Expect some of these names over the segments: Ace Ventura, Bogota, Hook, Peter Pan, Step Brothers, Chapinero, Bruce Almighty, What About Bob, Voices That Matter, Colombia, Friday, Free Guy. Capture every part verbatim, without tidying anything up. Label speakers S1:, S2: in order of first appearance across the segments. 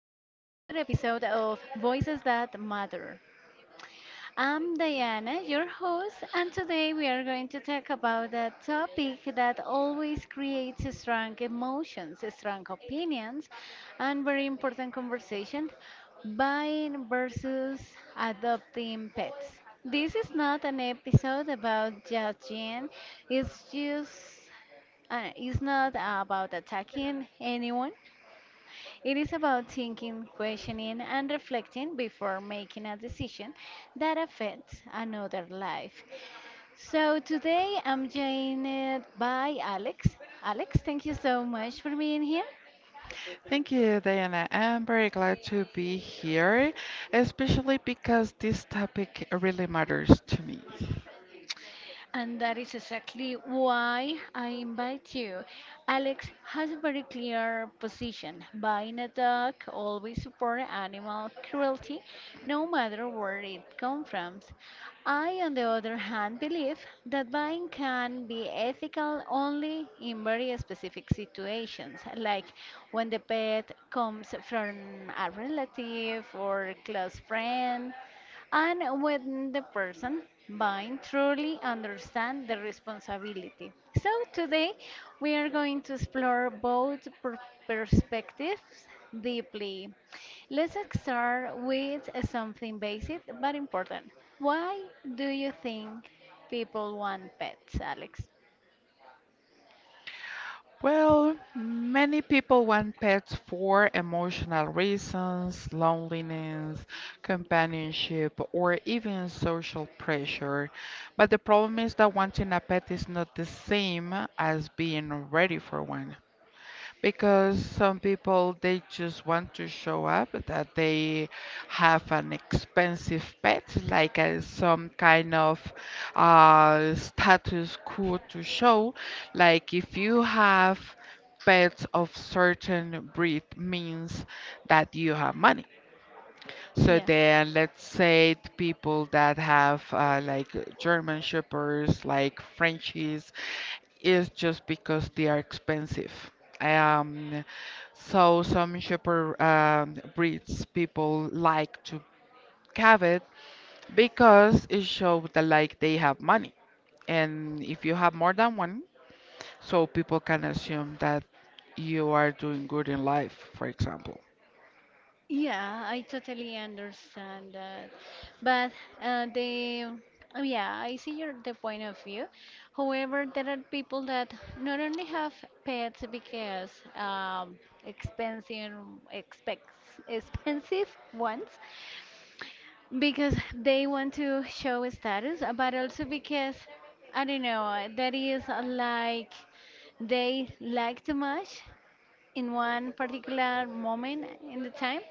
S1: episode of Voices That Matter. I'm Diana, your host, and today we are going to talk about a topic that always creates strong emotions, strong opinions, and very important conversation buying versus adopting pets. This is not an episode about judging, it's just uh, it's not about attacking anyone. It is about thinking, questioning, and reflecting before making a decision that affects another life. So today I'm joined by Alex. Alex, thank you so much for being here.
S2: Thank you, Diana. I'm very glad to be here, especially because this topic really matters to me.
S1: And that is exactly why I invite you. Alex has a very clear position. Buying a dog always support animal cruelty, no matter where it comes from. I, on the other hand, believe that buying can be ethical only in very specific situations, like when the pet comes from a relative or close friend and when the person buying truly understand the responsibility. So today we are going to explore both per- perspectives deeply. Let's start with something basic but important. Why do you think people want pets, Alex?
S2: Well, many people want pets for emotional reasons, loneliness, companionship, or even social pressure. But the problem is that wanting a pet is not the same as being ready for one. Because some people they just want to show up that they have an expensive pet, like uh, some kind of uh, status quo to show. Like if you have pets of certain breed means that you have money, so
S1: Yeah.
S2: then, let's say the people that have uh, like German Shepherds, like Frenchies, is just because they are expensive. Um, so some shepherd um, breeds people like to have it because it shows that like they have money. And if you have more than one, so people can assume that you are doing good in life, for example.
S1: Yeah, I totally understand that. But uh, the oh yeah, I see your the point of view. However, there are people that not only have pets because um, expensive expex- expensive ones because they want to show status, uh, but also because I don't know, that is uh, like they like too much in one particular moment in the time,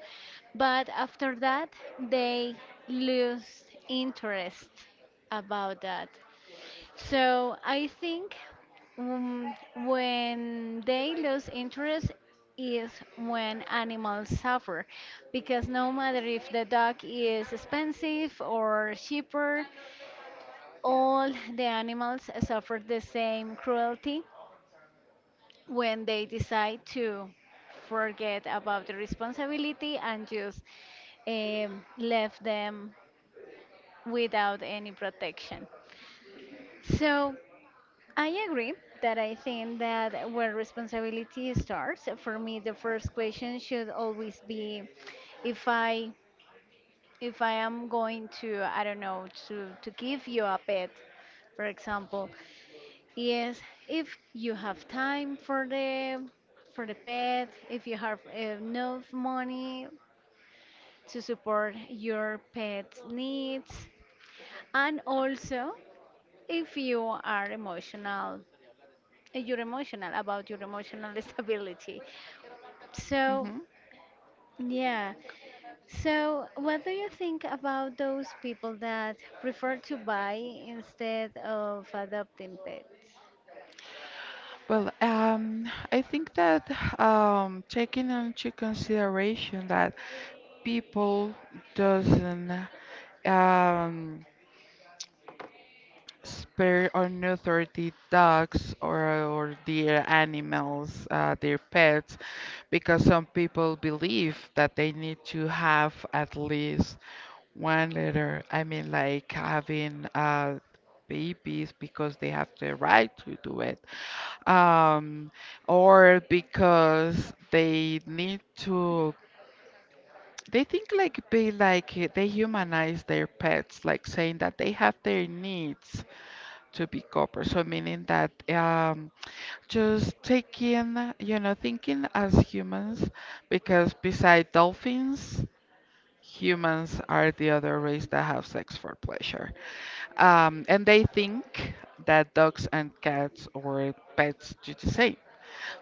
S1: but after that they lose interest about that. So I think um, when they lose interest is when animals suffer because no matter if the dog is expensive or cheaper all the animals suffer the same cruelty when they decide to forget about the responsibility and just um, left them without any protection. So I agree that I think that where responsibility starts, for me, the first question should always be if I if I am going to I don't know to to give you a pet, for example, yes, if you have time for the for the pet, if you have enough money to support your pet's needs, and also if you are emotional, you're emotional about your emotional stability. So, yeah. So, what do you think about those people that prefer to buy instead of adopting pets?
S2: Well, um, I think that um, taking into consideration that people doesn't, um, spare or neuter the dogs or, or their animals, uh, their pets, because some people believe that they need to have at least one litter. I mean, like having uh, babies because they have the right to do it, um, or because they need to. They think like be like uh, they humanize their pets, like saying that they have their needs to be copper. So meaning that um, just taking, you know, thinking as humans, because beside dolphins, humans are the other race that have sex for pleasure. Um, and they think that dogs and cats or pets do the same.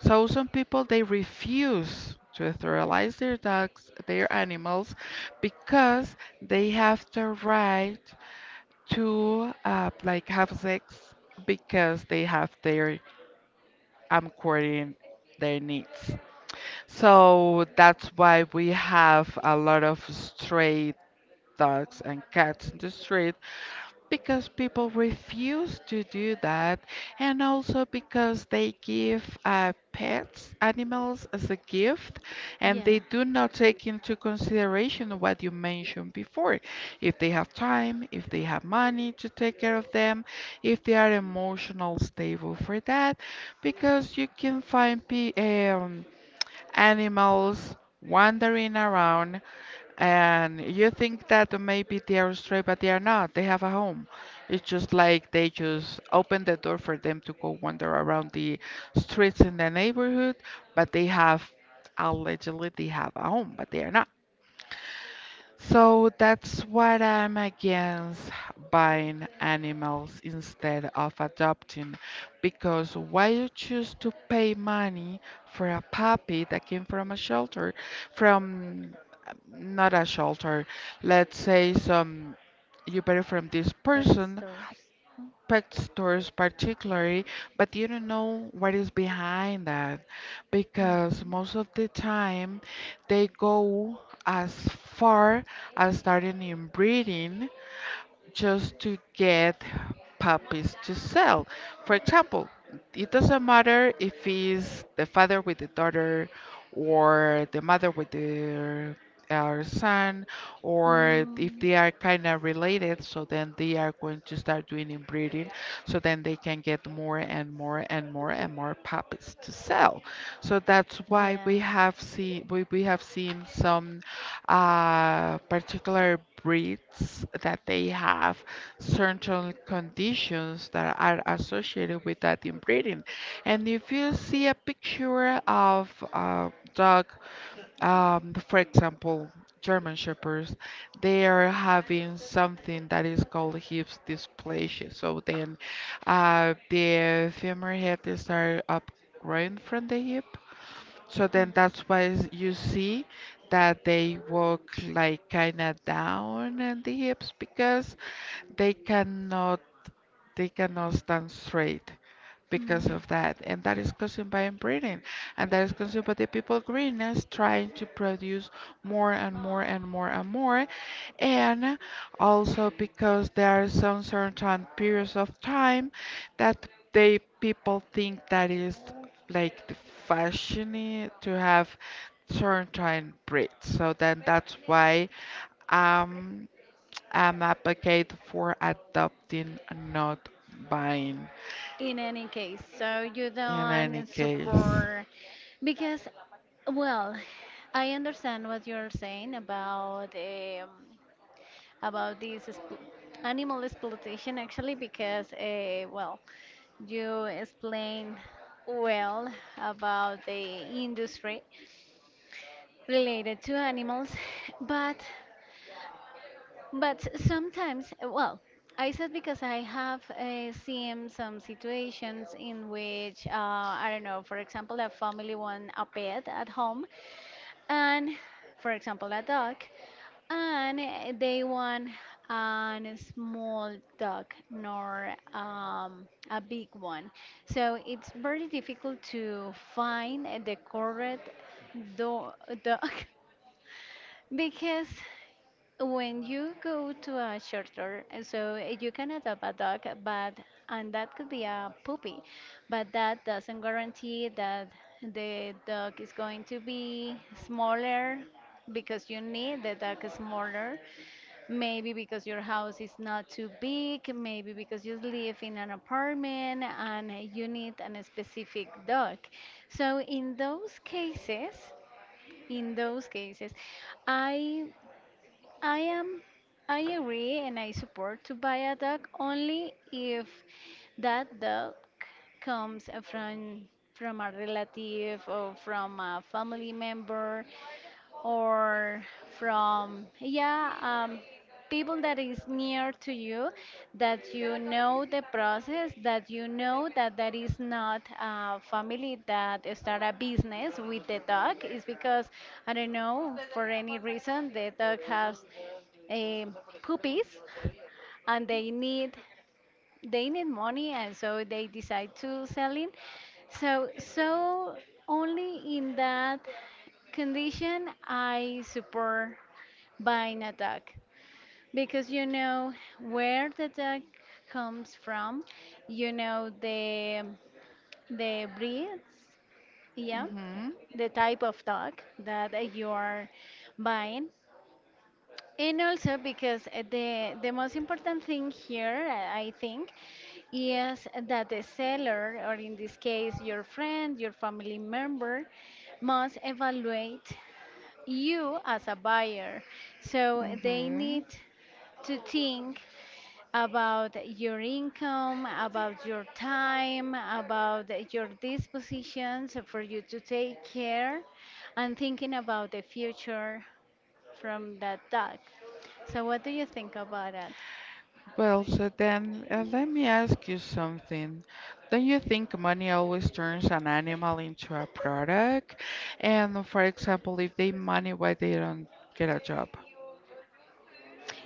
S2: So some people they refuse to sterilize their dogs, their animals, because they have the right to uh, like have sex because they have their, I'm quoting, their needs. So that's why we have a lot of stray dogs and cats in the street because people refuse to do that, and also because they give uh, pets animals as a gift and
S1: Yeah.
S2: they do not take into consideration what you mentioned before, if they have time, if they have money to take care of them, if they are emotional stable for that, because you can find pe- um, animals wandering around and you think that maybe they are straight, but they are not. They have a home. It's just like they just open the door for them to go wander around the streets in the neighborhood, but they have, allegedly they have a home, but they are not. So that's what I'm against, buying animals instead of adopting. Because why you choose to pay money for a puppy that came from a shelter, from, um, not a shelter, let's say some, you bought it from this
S1: Pet
S2: person,
S1: stores. Huh?
S2: pet stores particularly, but you don't know what is behind that
S1: Mhm.
S2: because
S1: Mm.
S2: most of the time they go as far as starting in breeding just to get puppies to sell. For example, it doesn't matter if it's the father with the daughter or the mother with their, our son, or if they are kind of related, so then they are going to start doing inbreeding so then they can get more and more and more and more puppies to sell. So that's why
S1: Yeah.
S2: we have seen we, we have seen some uh, particular breeds that they have certain conditions that are associated with that inbreeding. And if you see a picture of a dog, um, for example, German Shepherds, they are having something that is called hip dysplasia. So then uh, the femur head is are upgrowing from the hip, so then that's why is- you see that they walk like kind of down in the hips because they cannot they cannot stand straight because
S1: Mm.
S2: of that. And that is caused by inbreeding. And that is caused by the people greenness trying to produce more and more and more and more. And also because there are some certain periods of time that they people think that is like the fashion to have certain breeds. So then that's why, um, am advocate for adopting, not buying.
S1: In any case, so you
S2: In any
S1: don't
S2: case.
S1: support because well, I understand what you're saying about um, about this expl- animal exploitation actually because uh, well, you explained well about the industry related to animals, but but sometimes eh, well, I said because I have uh, seen some situations in which uh, I don't know, for example, a family want a pet at home and for example, a dog. And eh, they want a small dog, nor um, a big one. So it's very difficult to find eh, the correct do dog because when you go to a shelter, eh, so eh, you can adopt a dog, but and that could be a puppy, but that doesn't guarantee that the dog is going to be smaller because you need the dog smaller. Maybe because your house is not too big, maybe because you live in an apartment and you need an specific dog. So in those cases, in those cases, I I am I agree and I support to buy a dog only if that dog comes from from a relative or from a family member or from yeah um, people that is near to you that you know the process that you know that that is not a family that start a business with the dog is because I don't know for any reason the dog has a puppies and they need they need money and so they decide to sell it. so so only in that condition I support buying a dog because you know where the dog comes from, you know the the breeds, yeah,
S2: Mhm.
S1: the type of dog that uh, you are buying. And also because uh, the the most important thing here, uh, I think, is that the seller, or in this case your friend, your family member, must evaluate you as a buyer. So they need
S2: Mhm.
S1: to think about your income, about your time, about your dispositions for you to take care and thinking about the future from that dog. So what do you think about that?
S2: Well, so then uh, let me ask you something. Don't you think money always turns an animal into a product? And for example, if they money, why they don't get a job?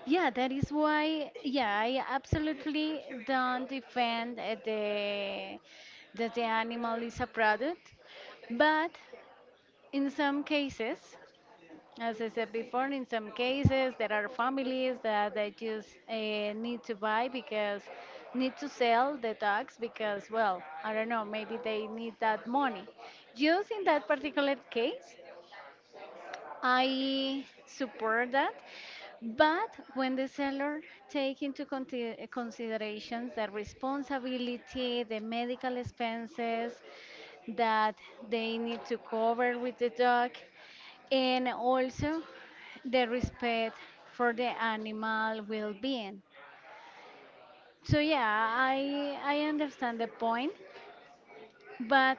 S1: Yeah, that is why, yeah, I absolutely don't defend uh, the that the animal is a product, but in some cases as I said before, in some cases there are families that they just uh, need to buy because need to sell the dogs because well, I don't know, maybe they need that money. Just in that particular case, I support that, but when the seller take into conti- considerations the responsibility, the medical expenses that they need to cover with the dog, and also the respect for the animal well-being. So yeah, I I understand the point, but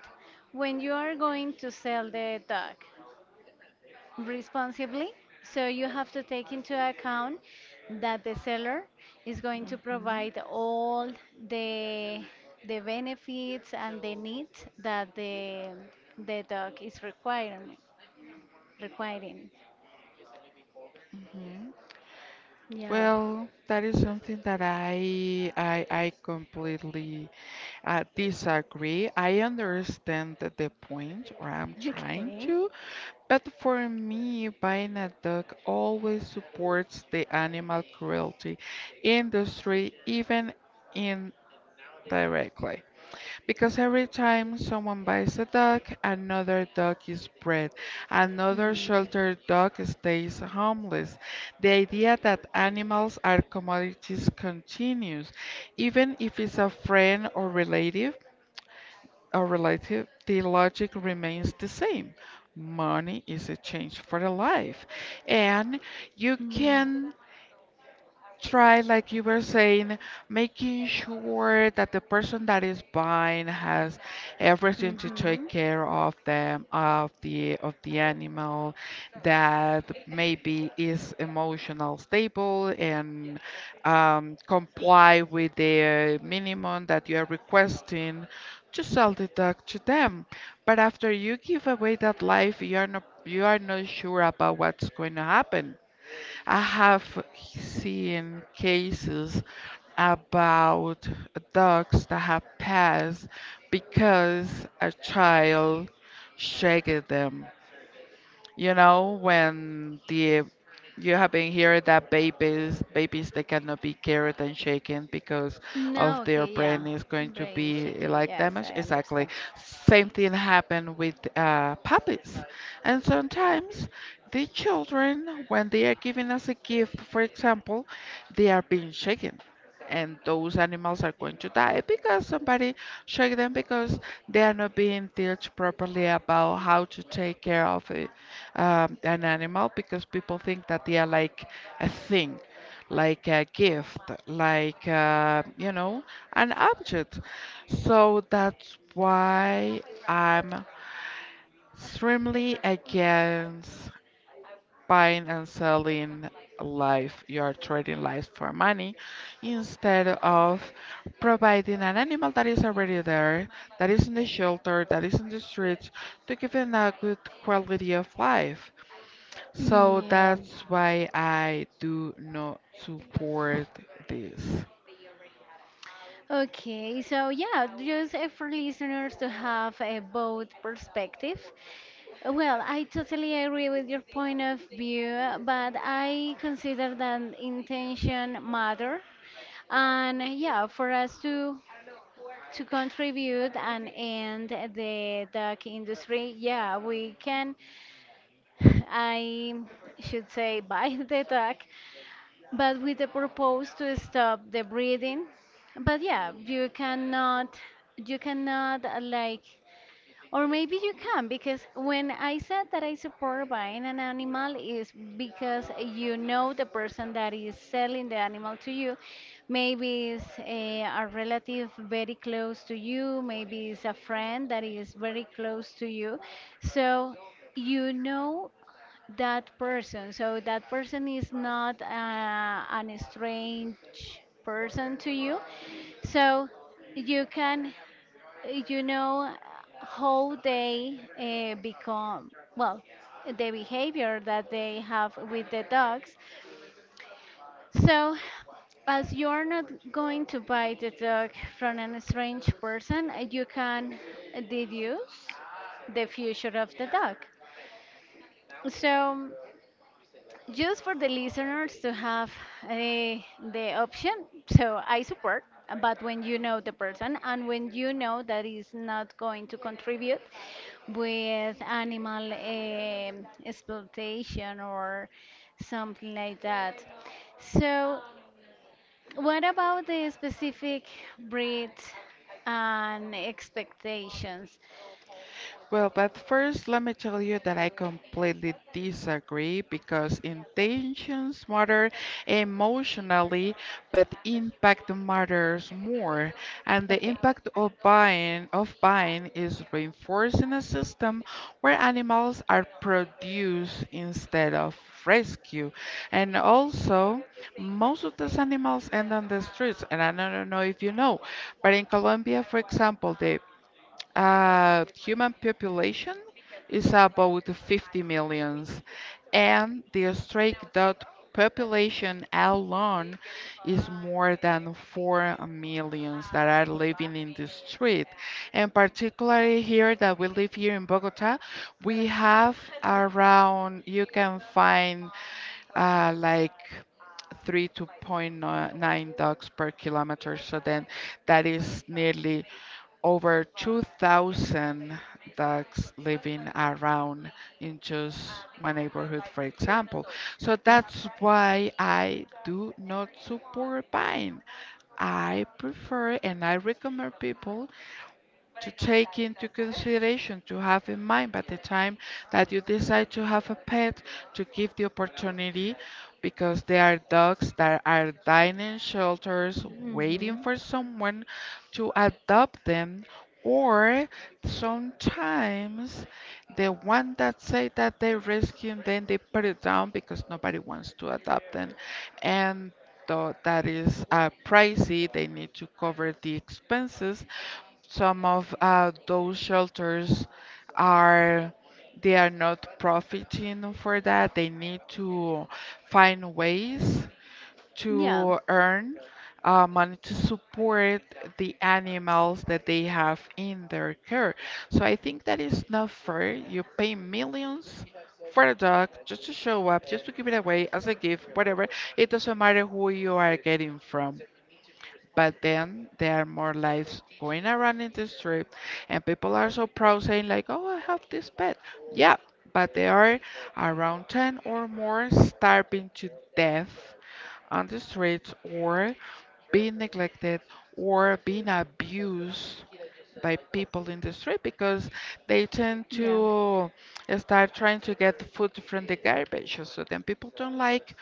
S1: when you are going to sell the dog responsibly, so you have to take into account that the seller is going to
S2: Mhm.
S1: provide all the the benefits and the needs that the the dog is requiring requiring.
S2: Mhm.
S1: Yeah.
S2: Well, that is something that I I I completely, I disagree. I understand the the point, or I'm trying
S1: Okay.
S2: to, but for me, buying a dog always supports the animal cruelty industry, even indirectly. Because every time someone buys a dog, another dog is bred,
S1: I
S2: another
S1: Mm.
S2: shelter dog stays homeless. The idea that animals are commodities continues, even if it's a friend or relative are related, the logic remains the same. Money is a change for the life. And you
S1: Mm. can
S2: can try, like you were saying, making sure that the person that is buying has everything to take
S1: Mhm.
S2: care of them, of the of the animal, that maybe is emotional stable and um, comply with the minimum that you are requesting to sell the dog to them. But after you give away that life, you are not you are not sure about what's going to happen. I have seen cases about dogs that have passed because a child shagged them. You know, when the, you have been hearing that babies babies they cannot be carried and shaken because of
S1: No,
S2: their
S1: okay,
S2: brain
S1: yeah.
S2: is going to
S1: Brain
S2: be
S1: shaking,
S2: like
S1: yes,
S2: damaged.
S1: I
S2: Exactly.
S1: understand.
S2: Same thing happened with uh, puppies. And sometimes the children, when they are given as a gift, for example, they are being shaken. And those animals are going to die because somebody shake them because they are not being taught properly about how to take care of it, uh, an animal, because people think that they are like a thing, like a gift, like, uh, you know, an object. So that's why I'm extremely against buying and selling life. You are trading life for money instead of providing an animal that is already there, that is in the shelter, that is in the streets, to give them a good quality of life. So
S1: Yeah.
S2: that's why I do not support this.
S1: Okay, so yeah, just uh, for listeners to have a both perspective. Well, I totally agree with your point of view, but I consider that intention matter. And yeah, for us to to contribute and end the duck industry, yeah, we can, I should say, buy the duck, but with the purpose to stop the breeding. But yeah, you cannot, you cannot uh, like or maybe you can, because when I said that I support buying an animal is because you know the person that is selling the animal to you. Maybe it's a, a relative very close to you, maybe it's a friend that is very close to you. So you know that person. So that person is not uh, an strange person to you. So you can you know how they uh, become well the behavior that they have with the dogs so as you are not going to buy the dog from an strange person uh, you can deduce the future of the dog so just for the listeners to have uh, the option so I support but when you know the person and when you know that is not going to contribute with animal um exploitation or something like that so what about the specific breed and expectations
S2: Well, but first, let me tell you that I completely disagree because intentions matter emotionally, but impact matters more. And the
S1: okay.
S2: impact of buying of buying is reinforcing a system where animals are produced instead of rescued. And also, most of these animals end on the streets. And I don't know if you know, but in Colombia, for example, the uh, human population is about fifty millions, and the stray dog population alone is more than four millions that are living in the street. And particularly here that we live here in Bogota, we have around, you can find uh, like three to point 0.9 dogs per kilometer. So then that is nearly over two thousand ducks living around in just one neighborhood, for example. So
S1: Uh,
S2: that's why I do not support buying. I prefer and I recommend people to take into consideration, to have in mind by the time that you decide to have a pet, to give the opportunity, because there are dogs that are dying in shelters waiting for someone to adopt them. Or sometimes the one that say that they rescue them, then they put it down because nobody wants to adopt them, and though that is uh, pricey, they need to cover the expenses. Some of uh, those shelters are, they are not profiting for that. They need to find ways to earn uh, money to support the animals that they have in their care. So I think that is not fair. You pay millions for a dog just to show up, just to give it away as a gift, whatever. It doesn't matter who you are getting from. But then there are more lives going around in the street, and people are so proud saying like, "Oh, I have this pet." Yeah, but there are around ten or more starving to death on the streets, or being neglected, or being abused by people in the street because they tend to start trying to get the food from the garbage. So then people don't like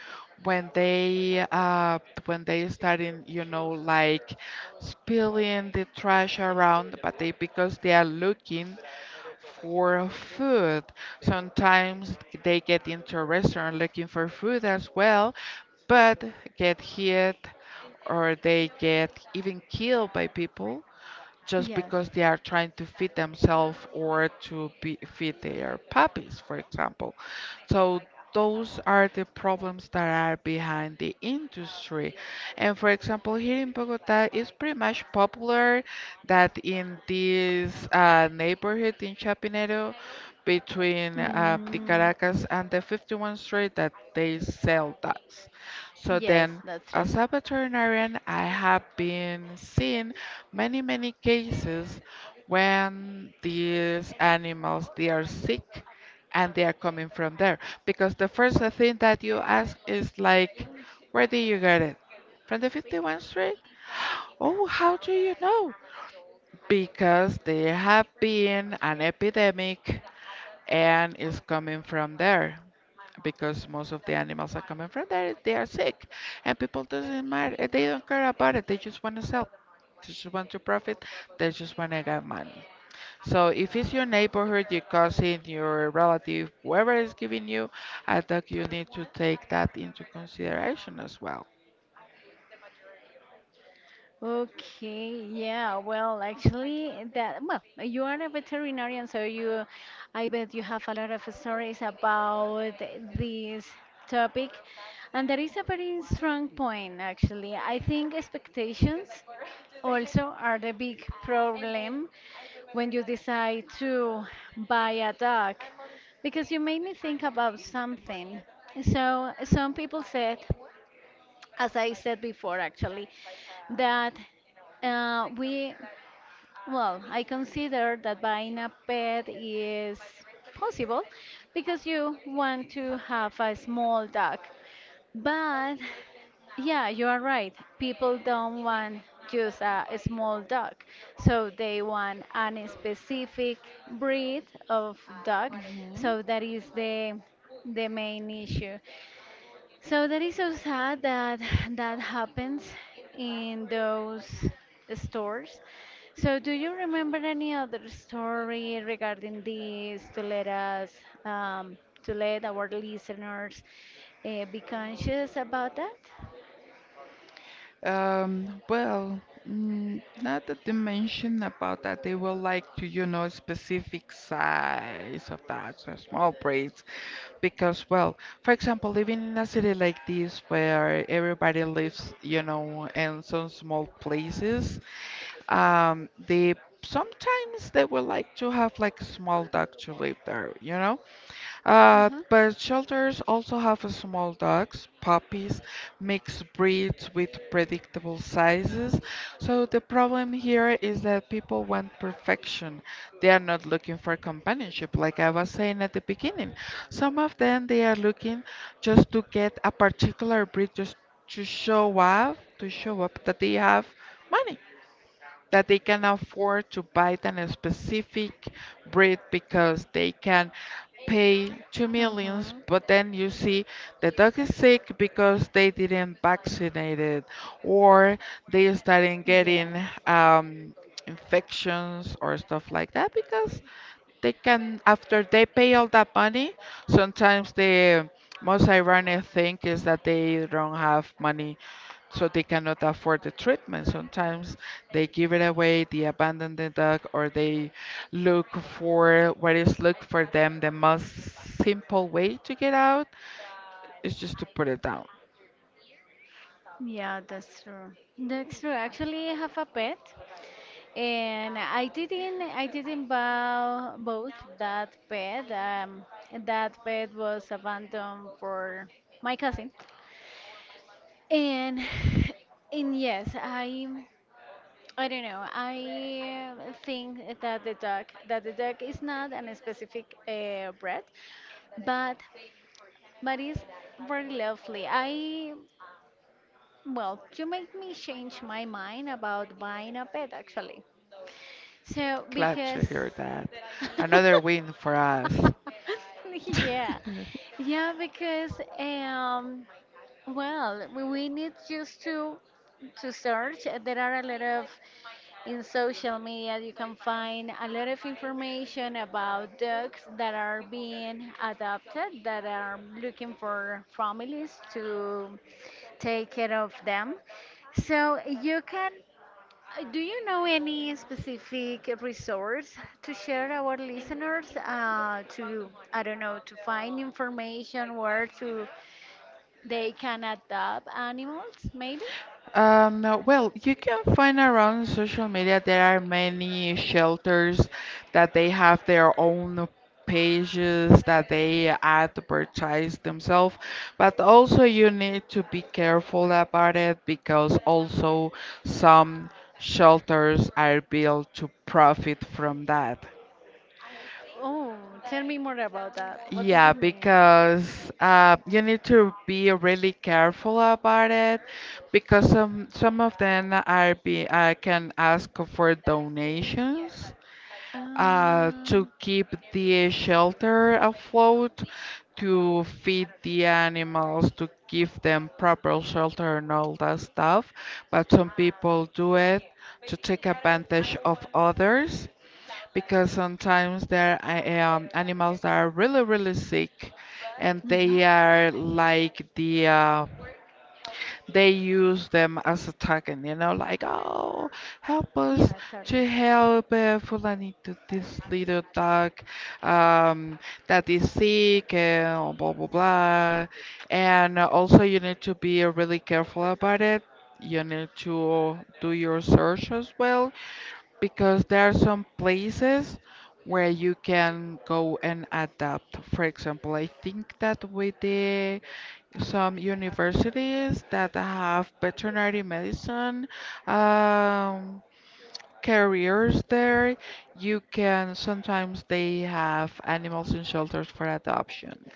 S2: when they uh, when they start in, you know, like spilling the trash around, but they, because they are looking for food. Sometimes they get into a restaurant looking for food as well, but get hit or they get even killed by people just because they are trying to feed themselves or to be, feed their puppies, for example. So those are the problems that are behind the industry. And for example, here in Bogota, it's pretty much popular that in this uh, neighborhood in Chapinero, between uh, the Caracas and the fifty-one Street, that they sell dogs. So
S1: yes,
S2: then,
S1: that's true.
S2: as a veterinarian, I have been seeing many, many cases when these animals they are sick and they are coming from there. Because the first thing that you ask is like, where did you get it? From the fifty-first Street? Oh, how do you know? Because there have been an epidemic and it's coming from there because most of the animals are coming from there. They are sick, and people doesn't matter. eh, They don't care about it. They just want to sell. They just want to profit. They just want to get money. So if it's your neighborhood, your cousin, your relative, whoever is giving you, I think you need to take that into consideration as well.
S1: Okay, yeah, well, actually, that, well, you are a veterinarian, so you, I bet you have a lot of stories about this topic. And that is a very strong point, actually. I think expectations also are the big problem when you decide to buy a dog, because you made me think about something. So, some people said as I said before, actually, that uh, we, well, I consider that buying a pet is possible because you want to have a small dog. But yeah, you are right. People don't want just a, a small dog, so they want a specific breed of dog.
S2: Mhm.
S1: So that is the the main issue. So that is so sad that that happens in those stores. So do you remember any other story regarding this to let us um, to let our listeners uh, be conscious about that?
S2: Um, well, mm, now that you mention about that, they will like to, you know, specific size of that, so small breeds, because, well, for example, living in a city like this where everybody lives, you know, in some small places, um, they sometimes they would like to have like a small dog to live there, you know? Uh,
S1: Uh-huh.
S2: but shelters also have small dogs, puppies, mixed breeds with predictable sizes. So the problem here is that people want perfection. They are not looking for companionship, like I was saying at the beginning. Some of them they are looking just to get a particular breed, just to show up, to show up that they have money that they can afford to buy than a specific breed because they can pay two millions,
S1: Uh-huh.
S2: but then you see the dog is sick because they didn't vaccinate it, or they starting getting
S1: Yes.
S2: um, infections or stuff like that because they can after they pay all that money sometimes the most ironic thing is that they don't have money, so they cannot afford the treatment. Sometimes they give it away, they abandon the dog, or they look for what is look for them the most simple way to get out is just to put it down.
S1: Yeah, that's true. That's true. Actually, I have a pet, and I didn't, I didn't buy both that pet. Um, that pet was abandoned for my cousin, and and yes, I, I don't know. I think that the dog, that the dog is not an specific uh, breed, but but it's very lovely. I, well, you make me change my mind about buying a pet actually. So,
S2: Glad to
S1: because.
S2: hear that. Another win for us.
S1: yeah. Yeah, because, um, well, we we need just to to search. There are a lot of in social media, you can find a lot of information about dogs that are being adopted, that are looking for families to take care of them. So, you can, do you know any specific resource to share our listeners uh, to, I don't know, to find information where to they can adopt animals, maybe?
S2: Um, no, well, you can find around social media there are many shelters that they have their own pages that they advertise themselves, but also you need to be careful about it because also some shelters are built to profit from that.
S1: Oh, tell me more about that. What did you
S2: Yeah,
S1: mean?
S2: because uh, you need to be really careful about it because some some of them are be uh, can ask for donations
S1: Ah.
S2: uh, to keep the shelter afloat, to feed the animals, to give them proper shelter and all that stuff. But some people do it to take advantage of others because sometimes there are um, animals that are really, really sick and
S1: Mhm.
S2: they are like the, uh, they use them as a token, you know, like, oh, help us
S1: Yeah,
S2: to
S1: totally.
S2: help uh, Fulanito, this little dog um, that is sick, and blah, blah, blah. And also, you need to be really careful about it. You need to do your search as well because there are some places where you can go and adapt. For example, I think that with the some universities that have veterinary medicine um, careers there, you can sometimes they have animals in shelters for adoption.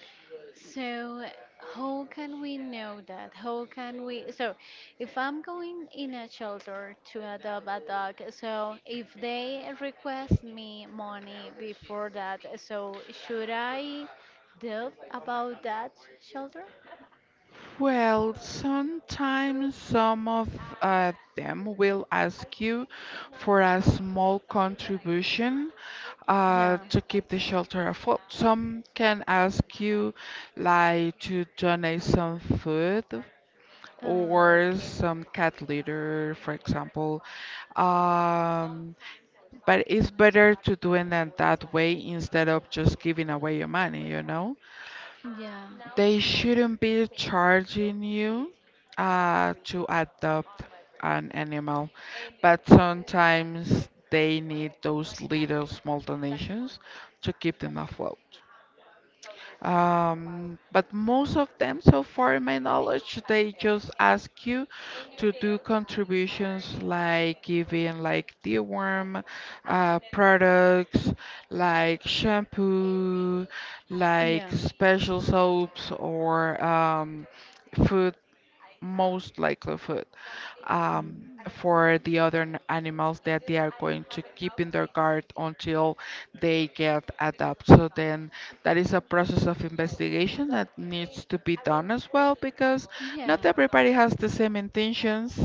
S1: So, how can we know that? How can we? So, if I'm going in a shelter to adopt a dog, so if they request me money before that, so should I doubt about that shelter?
S2: Well, sometimes some of uh, them will ask you for a small contribution uh,
S1: Yeah.
S2: to keep the shelter afloat. Some can ask you like to donate some food
S1: Oh,
S2: or
S1: okay.
S2: some cat litter, for example. Um, but it's better to do it in that way instead of just giving away your money, you know?
S1: Yeah.
S2: They shouldn't be charging you uh, to adopt an animal, but sometimes they need those little small donations to keep them afloat. Um, but most of them, so far in my knowledge, they just ask you to do contributions like giving like deworm uh, products, like shampoo, like
S1: Yeah.
S2: special soaps or um, food, most likely food, um,
S1: Mm.
S2: for the other n- animals that they are going to keep in their guard until they get adopted. So then that is a process of investigation that needs to be done as well because
S1: Yeah.
S2: not everybody has the same intentions.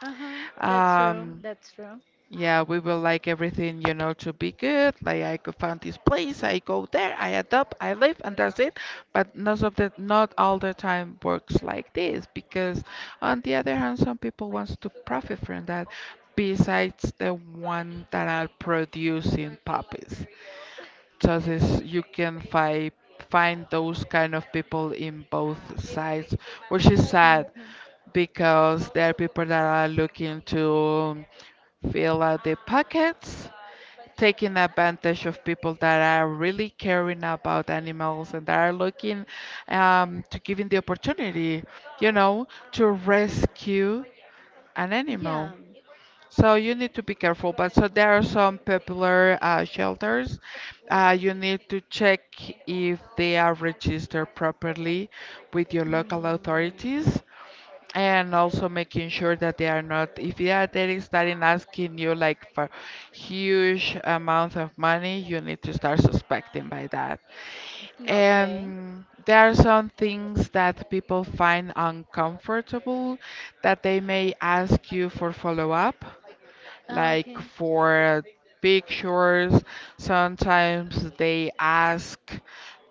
S1: Uh huh. That's true.
S2: Um,
S1: That's true.
S2: yeah, we will like everything, you know, to be good. Like I could find this place, I go there, I adopt, I live, and that's it. But not of the not all the time works like this because on the other hand, some people wants to profit from that besides the one that are producing puppies. So this you can find find those kind of people in both sides, which is sad
S1: Hmm.
S2: because there are people that are looking to fill out their pockets, taking advantage of people that are really caring about animals and that are looking um, to giving the opportunity, you know, to rescue an
S1: Yeah.
S2: animal. So you need to be careful. But so there are some popular uh, shelters. Uh, you need to check if they are registered properly with your local
S1: Mm.
S2: authorities, and also making sure that they are not if they are there is starting asking you like for huge amount of money, you need to start suspecting by that.
S1: No, okay.
S2: And there are some things that people find uncomfortable that they may ask you for follow up, like
S1: Okay.
S2: for pictures, sometimes they ask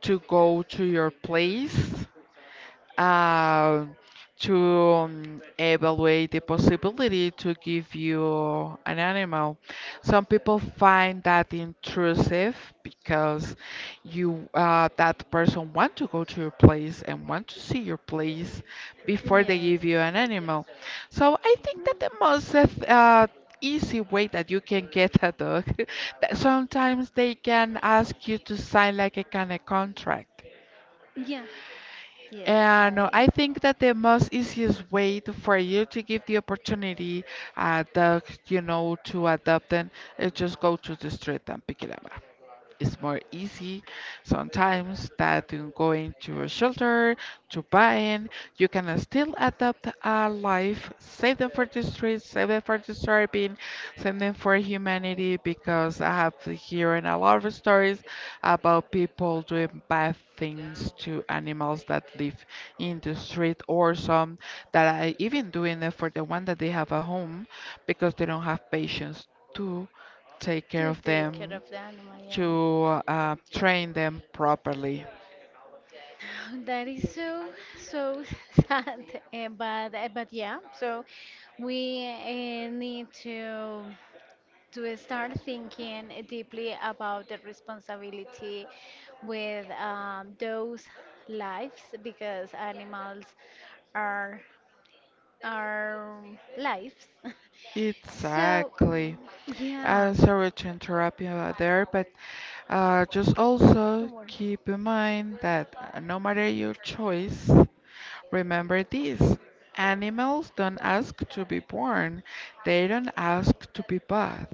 S2: to go to your place, uh, to um, evaluate the possibility to give you an animal. Some people find that intrusive because you uh, that person want to go to your place and want to see your place before they
S1: Yes.
S2: give you an animal. So I think that the most uh, th- uh, easy way that you can get a dog that sometimes they can ask you to sign like a kind of contract,
S1: Yeah. Yes.
S2: and uh,
S1: I
S2: I think that the most easiest way to, for you to give the opportunity uh, the you know, to adopt them is just go to the street and pick it up. It's more easy sometimes that in going to a shelter, to buying, you can still adapt a life, save them for the streets, save them for the starving, save them for humanity because I have been hearing a lot of stories about people doing bad things to animals that live in the street, or some that are even doing it for the one that they have at home because they don't have patience to take care
S1: to
S2: of
S1: take care
S2: them
S1: of the animal.
S2: to
S1: Yeah.
S2: uh, train them properly.
S1: That is so so sad, eh, but eh, but yeah. So we uh, need to to start thinking deeply about the responsibility with um, those lives because animals are are lives. So mm,
S2: Exactly.
S1: yeah,
S2: Uh, sorry to interrupt you uh, there, but uh, just also
S1: don't worry.
S2: keep in mind that uh, no matter your choice, remember this. Animals don't ask to be born, they don't ask to be bought.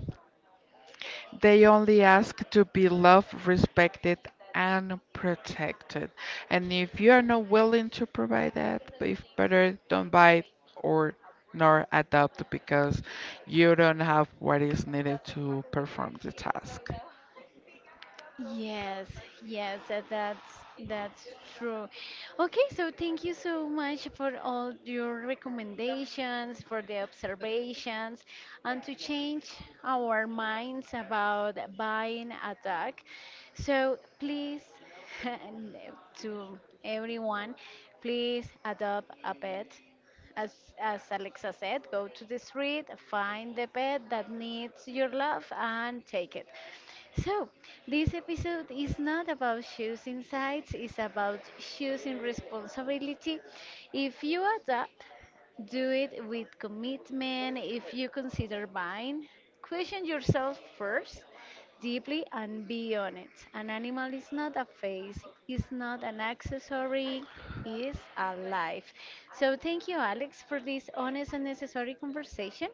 S2: They only ask to be loved, respected, and protected. And if you are not willing to provide that, if better don't buy or nor adopt because you don't have what is needed to perform the task.
S1: Yes, yes, uh, that's that's true. Okay, so thank you so much for all your recommendations, for the observations, and to change our minds about buying a dog. So please, and uh, to everyone, please adopt a pet. As, as Alexa said, go to the street, find the pet that needs your love, and take it. So, this episode is not about choosing sides, it's about choosing responsibility. If you adapt, do it with commitment. If you consider buying, question yourself first deeply and beyond it. An animal is not a face, it's not an accessory, is alive. So thank you, Alex, for this honest and necessary conversation,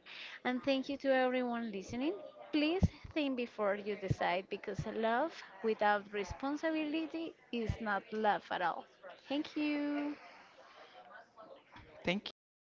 S1: and thank you to everyone listening. Please think before you decide because love without responsibility is not love at all. Thank you.
S2: Thank you.